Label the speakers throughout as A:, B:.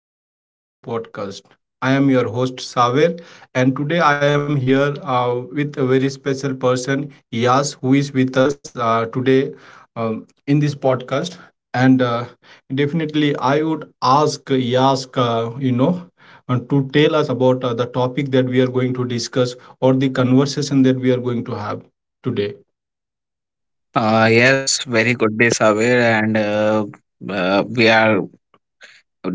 A: audience, to my another podcast. I am your host Saver, and today I am here with a very special person, Yas, who is with us today in this podcast. And definitely, I would ask Yas, and to tell us about the topic that we are going to discuss or the conversation that we are going to have today.
B: Yes, very good day, Saber, and we are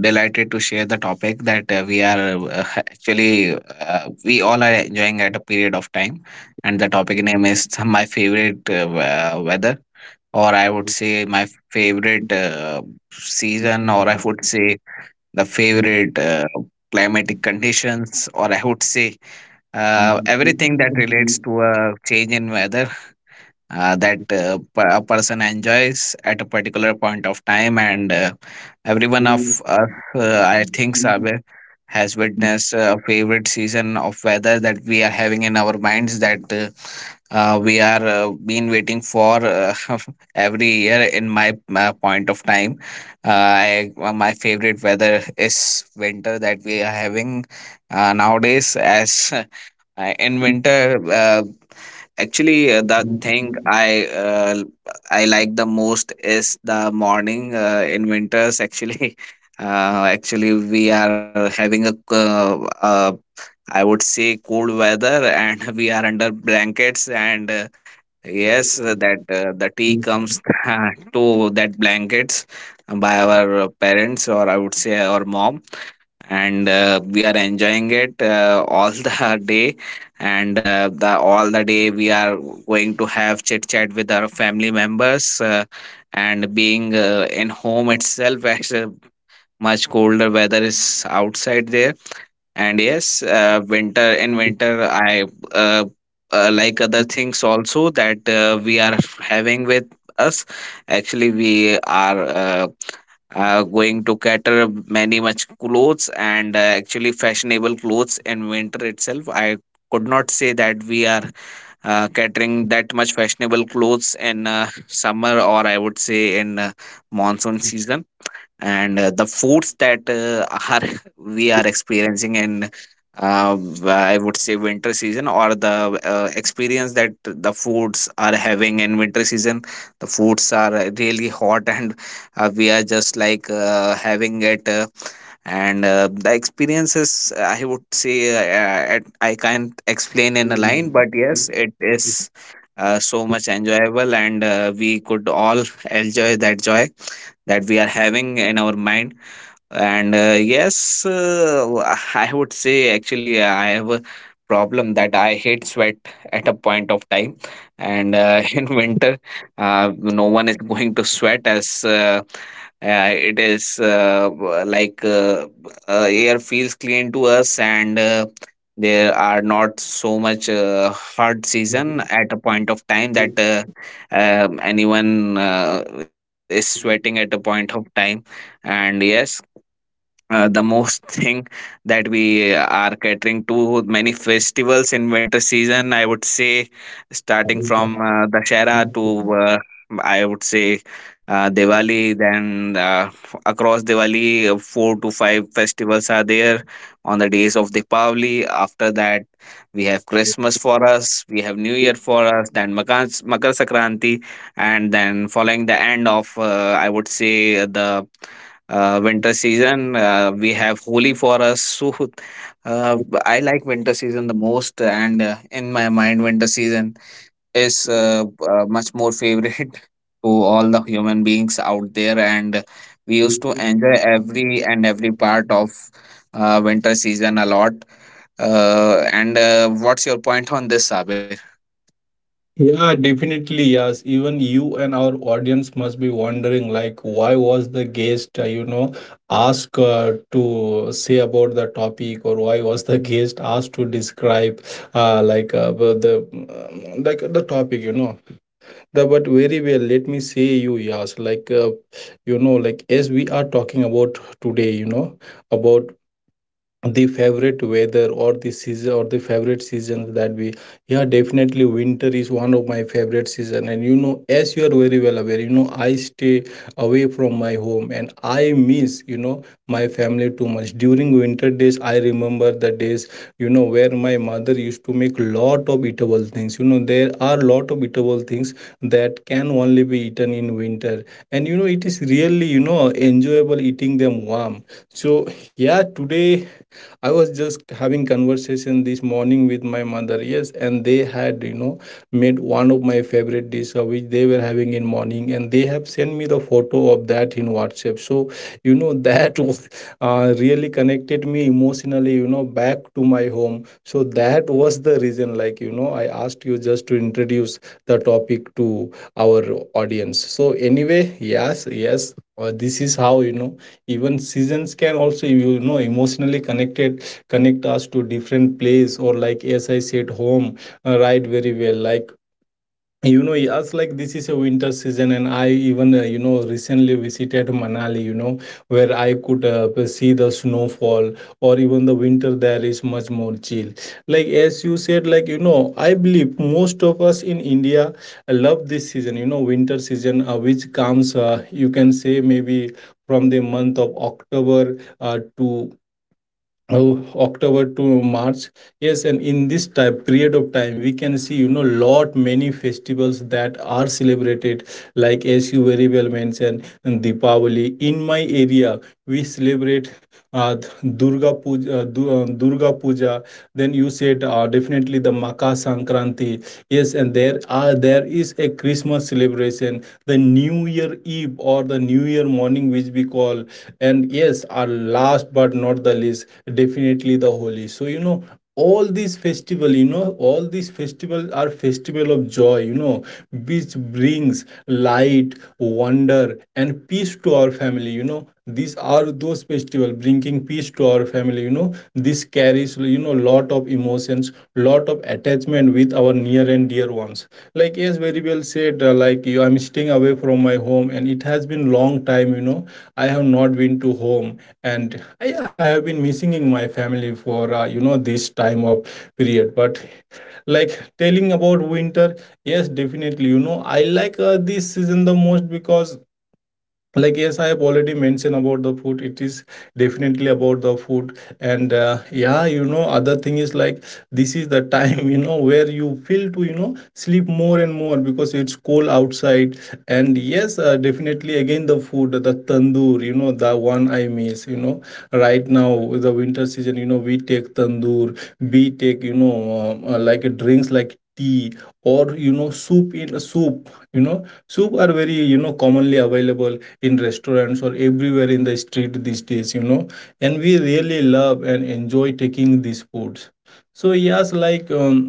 B: delighted to share the topic that we are actually we all are enjoying at a period of time, and the topic name is my favorite weather, or I would say my favorite season, or I would say the favorite climatic conditions, or I would say everything that relates to a change in weather that a person enjoys at a particular point of time, and every one of us, I think sabe has witnessed a favorite season of weather that we are having in our minds, that we are been waiting for every year. In my point of time, uh, my favorite weather is winter that we are having nowadays. As in winter actually, the thing I like the most is the morning in winters. Actually, actually we are having I would say cold weather, and we are under blankets. And yes, that the tea comes to that blankets by our parents, or I would say our mom, and we are enjoying it all the day. And the all the day we are going to have chit chat with our family members, and being in home itself, as much colder weather is outside there. And yes, winter in winter I uh, like other things also that we are having with us. Actually, we are going to cater many much clothes, and actually fashionable clothes in winter itself. I could not say that we are catering that much fashionable clothes in summer, or I would say in monsoon season. And the foods that are we are experiencing in, uh, I would say, winter season, or the experience that the foods are having in winter season. The foods are really hot, and we are just like having it. And the experiences, I would say, I can't explain in a line, but yes, it is so much enjoyable, and we could all enjoy that joy that we are having in our mind. And yes, I would say actually I have a problem that I hate sweat at a point of time, and in winter, no one is going to sweat, as it is like air feels clean to us, and there are not so much hard season at a point of time that anyone is sweating at a point of time. And yes, the most thing that we are catering to many festivals in winter season, I would say, starting from Dashera to uh, I would say Diwali, then across Diwali, four to five festivals are there on the days of Deepavali. After that, we have Christmas for us, we have New Year for us, then Makar Sakranti, and then following the end of, I would say, the winter season. We have Holi for us. So uh, I like winter season the most, and in my mind, winter season is much more favorite to all the human beings out there. And we used to enjoy every and every part of winter season a lot. And what's your point on this, Sabir?
A: Yeah, definitely. Yes. Even you and our audience must be wondering, like, why was the guest, asked to say about the topic, or why was the guest asked to describe, the like the topic, you know. But very well, let me say you, yes, like as we are talking about today, you know, about the favorite weather or the season or the favorite seasons that we yeah, definitely winter is one of my favorite season. And you know, as you are very well aware, you know, I stay away from my home and I miss, you know, my family too much during winter days. I remember the days, you know, where my mother used to make lot of eatable things. You know, there are lot of eatable things that can only be eaten in winter, and you know it is really, you know, enjoyable eating them warm. So yeah, today I was just having conversation this morning with my mother. Yes, and they had, you know, made one of my favorite dish which they were having in morning, and they have sent me the photo of that in WhatsApp. So you know that was really connected me emotionally. You know, back to my home. So that was the reason. Like, you know, I asked you just to introduce the topic to our audience. So anyway, yes, yes. This is how, you know, even seasons can also, you know, emotionally connect us to different place, or like as I said, home. Uh, right, very well, like, you know, yes, like, this is a winter season, and I even, you know, recently visited Manali, you know, where I could see the snowfall, or even the winter there is much more chill. Like as you said, like, you know, I believe most of us in India love this season, you know, winter season, which comes, you can say maybe from the month of October to oh, October to March. Yes, and in this type period of time, we can see, you know, lot many festivals that are celebrated. Like as you very well mentioned, and Deepavali. In my area, we celebrate Durga Puja. Durga Puja. Then you said definitely the Makar Sankranti. Yes, and there is a Christmas celebration, the New Year Eve or the New Year morning, which we call. And yes, our last but not the least, definitely the Holi. So you know, all these festival, you know, all these festivals are festival of joy, you know, which brings light, wonder and peace to our family. You know, these are those festival bringing peace to our family. You know, this carries, you know, lot of emotions, lot of attachment with our near and dear ones. Like as very well said, like you, I'm staying away from my home and it has been long time, you know, I have not been to home, I have been missing in my family for, this time of period. But like, telling about winter, yes, definitely, you know, I like this season the most because, like yes, I have already mentioned about the food. It is definitely about the food, and yeah, you know, other thing is like, this is the time you know, where you feel to, you know, sleep more and more because it's cold outside. And yes, definitely again the food, the tandoor, you know, the one I miss, you know, right now with the winter season. You know, we take tandoor, we take, you know, like drinks like tea, or you know, soup. You know, soup are very, you know, commonly available in restaurants or everywhere in the street these days, you know, and we really love and enjoy taking these foods. So yes, like um,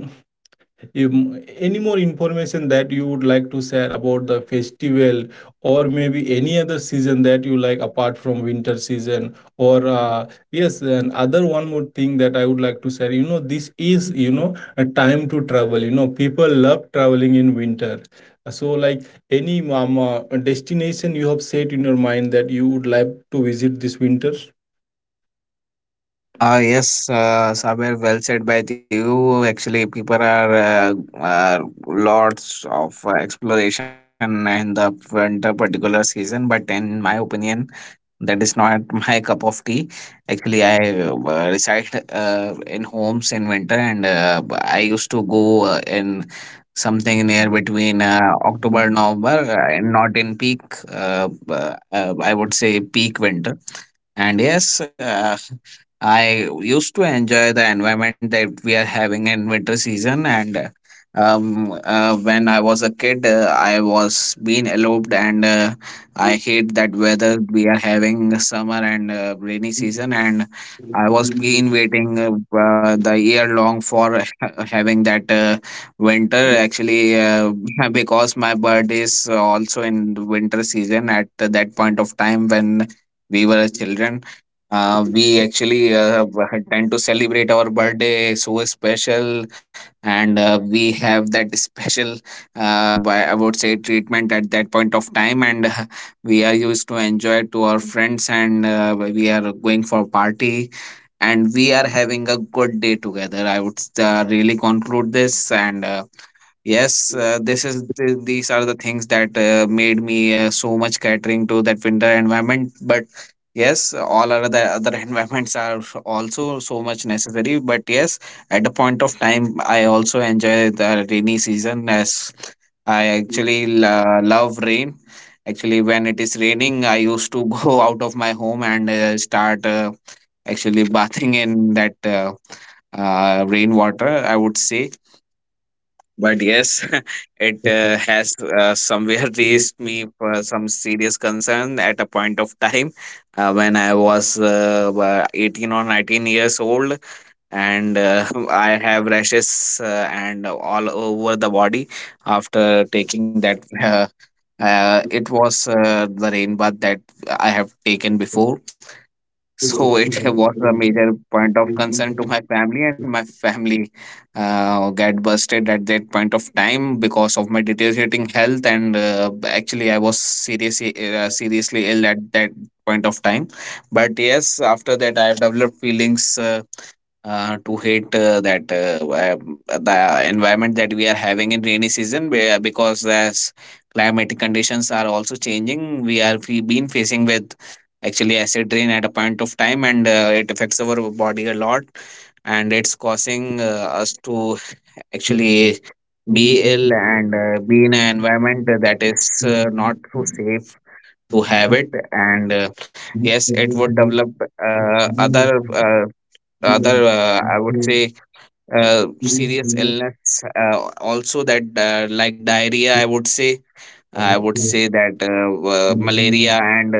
A: um, any more information that you would like to share about the festival, or maybe any other season that you like apart from winter season? Or yes, and other one more thing that I would like to share, you know, this is, you know, a time to travel. You know, people love traveling in winter. So like, any destination you have set in your mind that you would like to visit this winter?
B: Ah, yes, Sabir, well said by you. Actually, people are lots of exploration in the winter particular season, but in my opinion, that is not my cup of tea. Actually, I reside in homes in winter, and I used to go in something near between October, November, and not in peak. I would say peak winter. And yes, I used to enjoy the environment that we are having in winter season. And when I was a kid, I was being eloped and. I hate that weather we are having summer and rainy season, and I was been waiting the year long for having that winter, actually, because my birthday is also in the winter season. At that point of time when we were children, we actually tend to celebrate our birthday so special, and we have that special, I would say, treatment at that point of time, and we are used to enjoy to our friends, and we are going for party, and we are having a good day together, I would really conclude this. And yes, these are the things that made me so much catering to that winter environment. But yes, all other the other environments are also so much necessary. But yes, at a point of time, I also enjoy the rainy season, as I actually love rain. Actually, when it is raining, I used to go out of my home and start actually bathing in that rainwater, I would say. But yes, it has somewhere raised me for some serious concern at a point of time when I was 18 or 19 years old, and I have rashes and all over the body after taking that. It was the rain bath that I have taken before, so it was a major point of concern to my family, and my family got busted at that point of time because of my deteriorating health. And actually, I was seriously ill at that point of time. But yes, after that, I have developed feelings. To hate that the environment that we are having in rainy season, where, because as climatic conditions are also changing, we been facing with actually acid rain at a point of time, and it affects our body a lot, and it's causing us to actually be ill, and be in an environment that is not so safe to have it. And yes, it would develop uh, other uh, other, I would say, serious
A: Thank
B: illness, also that like diarrhea, I would say, that malaria, and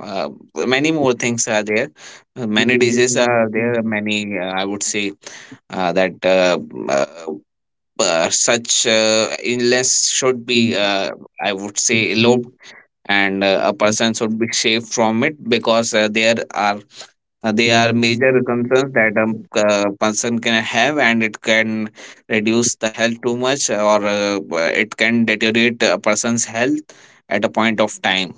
B: uh, many more things are there. Many diseases are there, many, I would say, that uh, such illness should be, uh, I would say, low, and a person should be safe from it, because there are they are major concerns that
A: you.
B: a person can have, and it can reduce the health too much, or it can deteriorate a person's health at a point of time.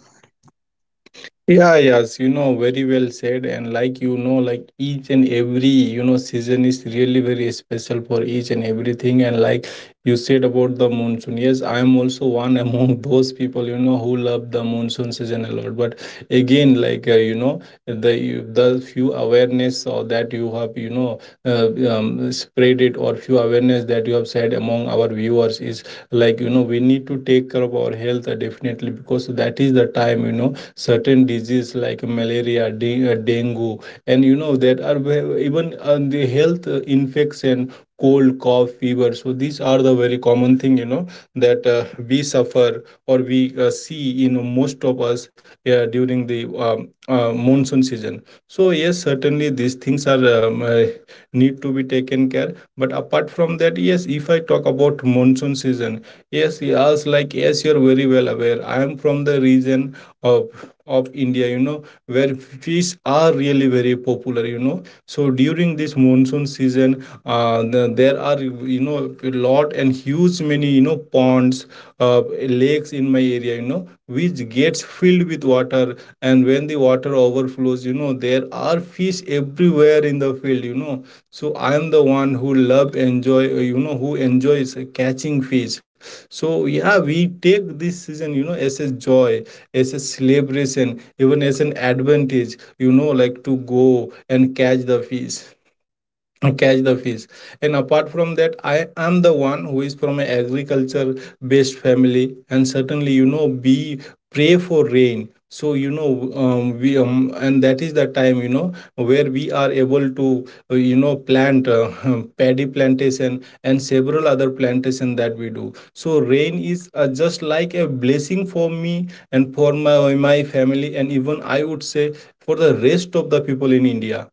A: Yeah, yes, you know, very well said. And like, you know, like each and every, you know, season is really very special for each and everything. And like you said about the monsoon, yes, I am also one among those people, you know, who love the monsoon season a lot. But again, the the few awareness or that you have, uh, spread it, or few awareness that you have said among our viewers is like, you know, we need to take care of our health definitely, because that is the time, you know, certain disease like malaria, dengue, and you know that are even the health infection, cold, cough, fever. So these are the very common thing, you know, that we suffer or we see in most of us during the monsoon season. So yes, certainly these things are need to be taken care. But apart from that, yes, if I talk about monsoon season, yes, as like as you're very well aware, I am from the region of of India, you know, where fish are really very popular. You know, so during this monsoon season, there are, you know, a lot and huge many, you know, ponds, uh, lakes in my area, you know, which gets filled with water, and when the water overflows, you know, there are fish everywhere in the field. You know, so I am the one who love enjoy you know, who enjoys catching fish. So yeah, we take this season, you know, as a joy, as a celebration, even as an advantage, you know, like to go and catch the fish, catch the fish and apart from that, I am the one who is from an agriculture based family, and certainly, you know, we pray for rain. So you know, we and that is the time, you know, where we are able to you know, plant paddy plantation and several other plantation that we do. So rain is just like a blessing for me and for my family, and even I would say for the rest of the people in India.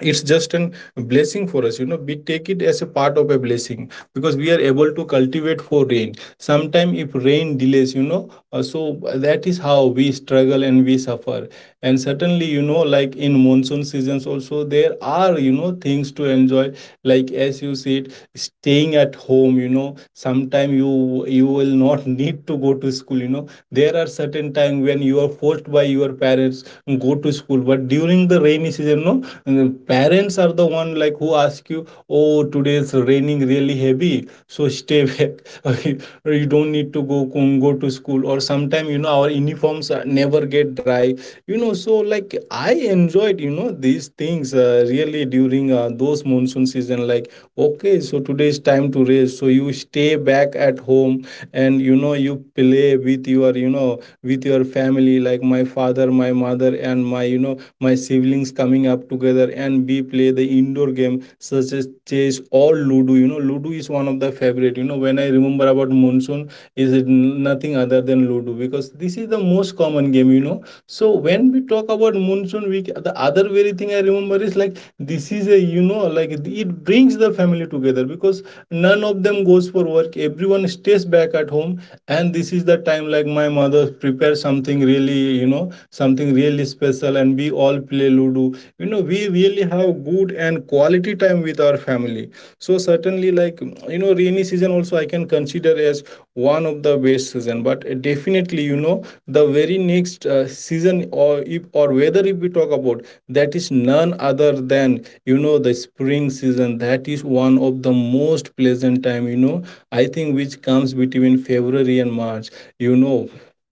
A: It's just an blessing for us. You know, we take it as a part of a blessing because we are able to cultivate for rain. Sometimes, if rain delays, you know, so that is how we struggle and we suffer. And certainly, you know, like in monsoon seasons also, there are, you know, things to enjoy. Like as you said, staying at home, you know, sometime you will not need to go to school, you know, there are certain time when you are forced by your parents go to school, but during the rainy season, no. And parents are the one like who ask you, "Oh, today's raining really heavy, so stay back. or you don't need to go to school." Or sometime, you know, our uniforms are- never get dry. You know, so like I enjoyed, you know, these things really during those monsoon season. Like, okay, so today is time to rest. So you stay back at home, and you know, you play with your, you know, with your family like my father, my mother, and my, you know, my siblings coming up together, and we play the indoor game such as chess or ludo. You know, ludo is one of the favorite. You know, when I remember about monsoon, is it nothing other than ludo, because this is the most common game, you know. So when we talk about monsoon week, the other very thing I remember is like, this is a, you know, like it brings the family together, because none of them goes for work. Everyone stays back at home, and this is the time, like, my mother prepares something really, you know, something really special, and we all play ludo. You know we really have good and quality time with our family. So certainly, like rainy season also I can consider as one of the best season. But definitely, the very next season, or if or whether if we talk about, that is none other than, the spring season, that is one of the most pleasant time. I think which comes between February and March, you know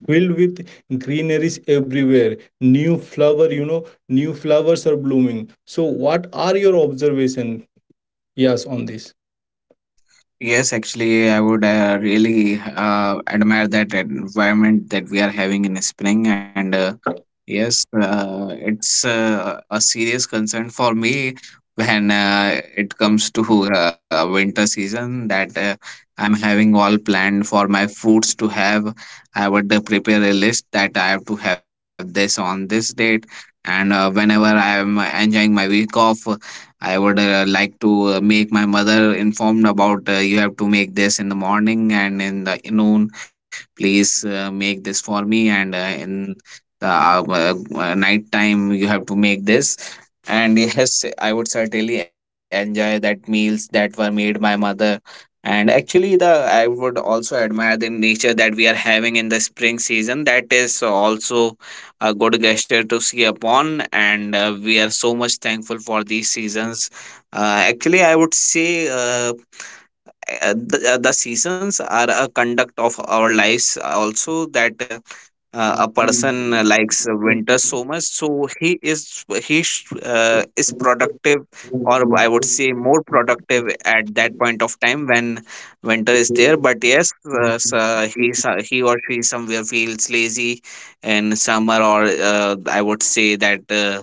A: filled with greeneries everywhere, new flower, new flowers are blooming. So what are your observation, yes, on this?
B: Yes, actually, I would really admire that environment that we are having in spring. And yes, it's a serious concern for me when it comes to winter season, that I'm having all planned for my foods to have. I would prepare a list that I have to have this on this date. And whenever I'm enjoying my week off, I would like to make my mother informed about you have to make this in the morning and in the noon. Please make this for me, and in night time you have to make this. And yes, I would certainly enjoy that meals that were made by mother. And actually, the I would also admire the nature that we are having in the spring season. That is also a good gesture to see upon, and we are so much thankful for these seasons. Actually, I would say, the seasons are a conduct of our lives also. That a person likes winter so much. So he is, is productive, or I would say more productive at that point of time when winter is there. But yes, so, he or she somewhere feels lazy in summer. Or I would say that uh,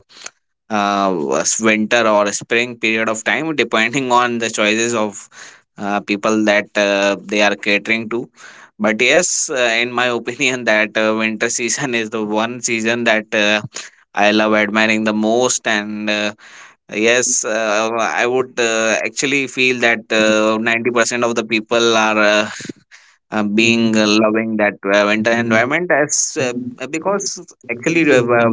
B: uh, was winter or spring period of time, depending on the choices of people that they are catering to. But yes, in my opinion, that winter season is the one season that I love admiring the most. And yes, I would actually feel that 90% of the people are being loving that winter environment as uh, because actually,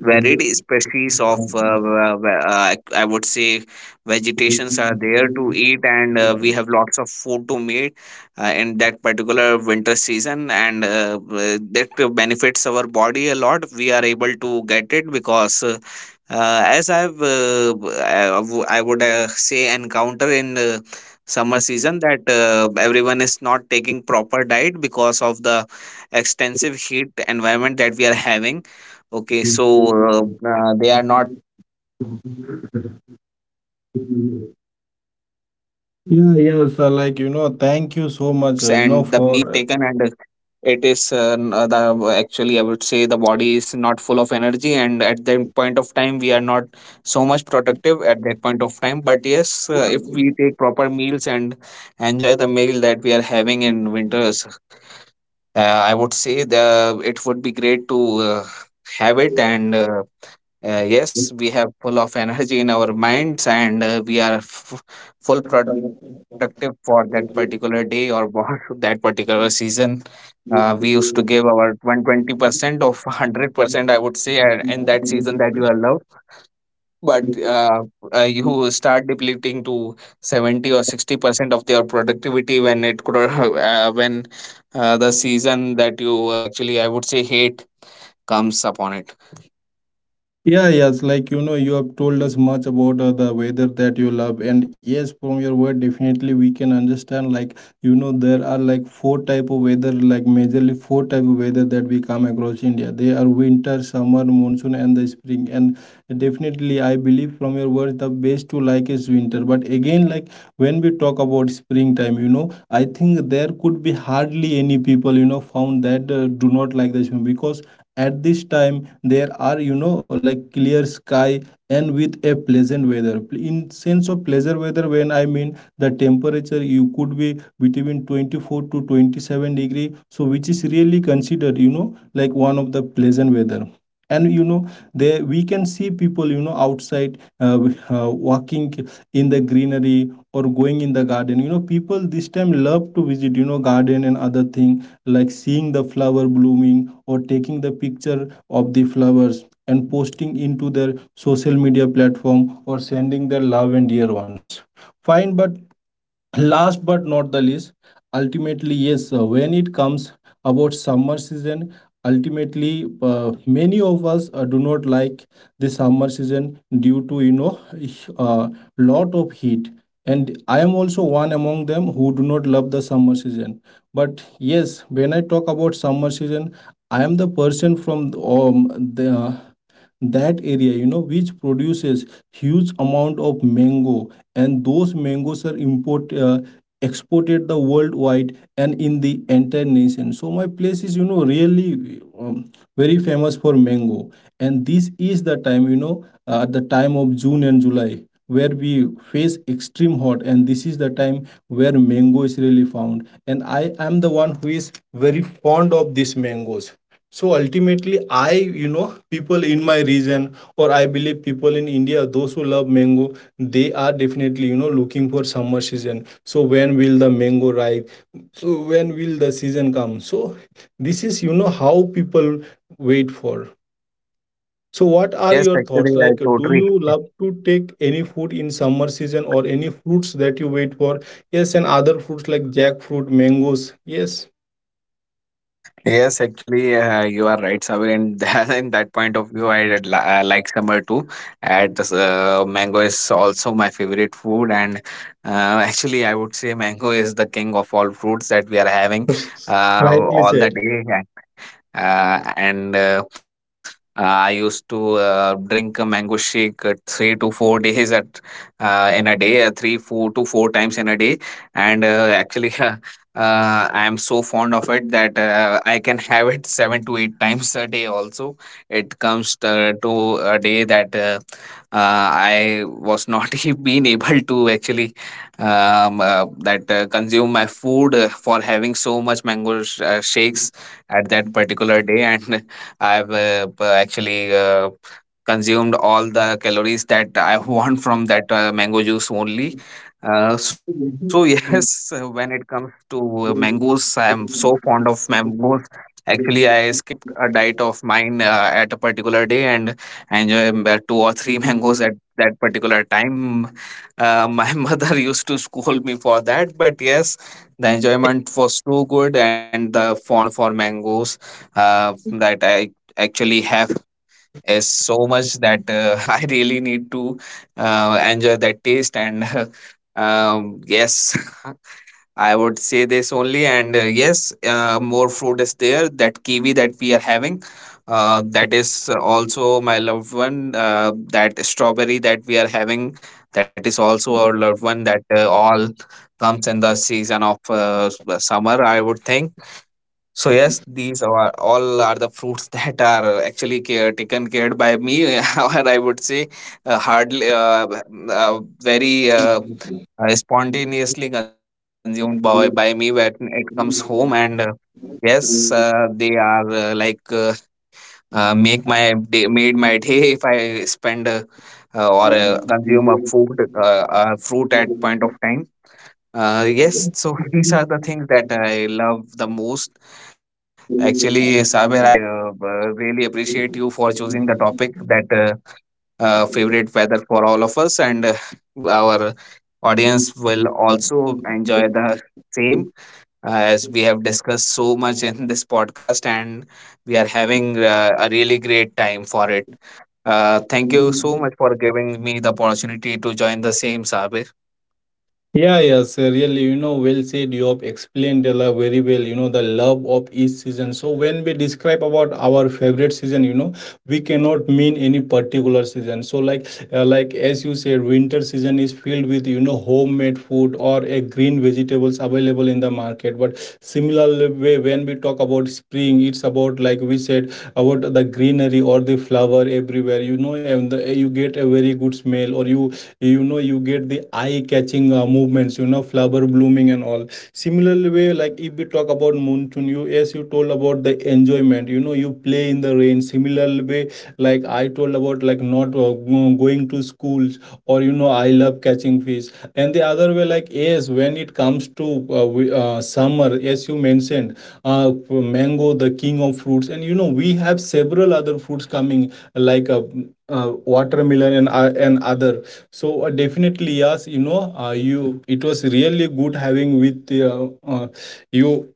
B: varied species of I would say vegetations are there to eat. And we have lots of food to meet in that particular winter season. And that benefits our body a lot. We are able to get it because, as I've, b- I w- I would say, encounter in summer season that everyone is not taking proper diet because of the extensive heat environment that we are having. Okay, so they are not taking proper meal at a point of time due to uh, uh, extreme
A: Yeah,
B: heat
A: yes,
B: heat waves, and the
A: thank you so
B: meal
A: much,
B: is not taken, and
A: for
B: it is n- the actually, I would say the body is not full of energy, and at that point of time we are not so much productive at that point of time. But yes, if we take proper meals and enjoy the meal that we are having in winters, I would say, the it would be great to uh, have it. And yes, we have full of energy in our minds, and we are full productive for that particular day, or for that particular season. We used to give our 120% of 100%, I would say, in that season that you are loved. But you start depleting to 70 or 60% of your productivity when it could, when the season that you actually, I would say, hate comes upon it.
A: Yeah, yes, you have told us much about the weather that you love. And yes, from your word, definitely we can understand. There are like four type of weather, like majorly four type of weather that we come across India. They are winter, summer, monsoon, and the spring. And definitely, I believe from your words, the best to like is winter. But again, like, when we talk about springtime, you know, I think there could be hardly any people found that do not like the spring. Because at this time there are, like, clear sky and with a pleasant weather. In sense of pleasant weather, when I mean the temperature, you could be between 24 to 27 degree, so which is really considered, like, one of the pleasant weather. And there we can see people, outside, walking in the greenery or going in the garden. You know, people this time love to visit, garden and other thing, like seeing the flower blooming or taking the picture of the flowers and posting into their social media platform, or sending their love and dear ones. Fine, but last but not the least, ultimately yes, when it comes about summer season, ultimately many of us do not like the summer season due to, a uh, lot of heat. And I am also one among them who do not love the summer season. But yes, when I talk about summer season, I am the person from the that area, you know, which produces huge amount of mango, and those mangoes are import exported the worldwide and in the entire nation. So my place is, you know, really um, very famous for mango. And this is the time, you know, at the time of June and July, where we face extreme hot, and this is the time where mango is really found, and I am the one who is very fond of these mangoes. So ultimately I, people in my region, for I believe people in India those who love mango, they are definitely, looking for summer season. So when will the mango ripe? So when will the season come? So this is, you know, how people wait for. So what are
B: Yes,
A: your thoughts,
B: actually, I
A: like, do
B: totally.
A: you love to take any food in summer season or any fruits that you wait for? Yes, and other fruits like jackfruit, mangoes. Yes,
B: Yes, actually, you are right, Sabir. In that, in that point of view, I did, I like summer too. At this, mango is also my favorite food. And uh, actually, I would say mango is the king of all fruits that we are having,
A: rightly
B: all the
A: said.
B: day. And I used to drink a mango shake 3 to 4 days at, in a day, 3 4 to four times in a day, and actually, I am so fond of it that I can have it seven to eight times a day. Also, it comes to a day that I was not being able to actually that consume my food for having so much mango shakes at that particular day, and I've actually consumed all the calories that I want from that mango juice only. So, yes, when it comes to mangoes, I am so fond of mangoes. Actually, I skipped a diet of mine at a particular day, and I enjoy about two or three mangoes at that particular time. My mother used to scold me for that, but yes, the enjoyment was too good, and the fond for mangoes that I actually have is so much that, I really need to enjoy that taste and yes. I would say this only. And yes, more fruit is there. That kiwi that we are having, that is also my loved one. That strawberry that we are having, that is also our loved one. That all comes in the season of, summer, I would think. So yes, these are all are the fruits that are actually care, taken cared by me, or I would say hardly, very. Spontaneously consumed by me when it comes home. And yes, they are, like, make my day made my day if I spend, or consume a food, fruit, at point of time. Yes, so, these are the things that I love the most. Actually, Saber, I really appreciate you for choosing the topic that, favorite weather for all of us. And our audience will also enjoy the same, as we have discussed so much in this podcast. And we are having a really great time for it. Thank you so much for giving me the opportunity to join the same, Sabir.
A: Yeah, yes, really, you know, well said. You have explained the love very well, you know, the love of each season. So when we describe about our favorite season, you know, we cannot mean any particular season. So like as you said, winter season is filled with, you know, homemade food or a green vegetables available in the market. But similar way, when we talk about spring, it's about, like we said, about the greenery or the flower everywhere, you know. And the, you get a very good smell, or you know, you get the eye catching movements, you know, flower blooming and all. Similar way, like if we talk about monsoon, you, as you told about the enjoyment, you know, you play in the rain. Similar way, like I told about, like not going to schools, or you know, I love catching fish. And the other way, like yes, when it comes to summer, as you mentioned, uh, mango, the king of fruits. And you know, we have several other fruits coming like a, uh, watermelon and other. So definitely yes, you know, you, it was really good having with you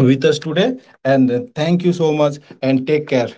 A: with us today, and thank you so much, and take care.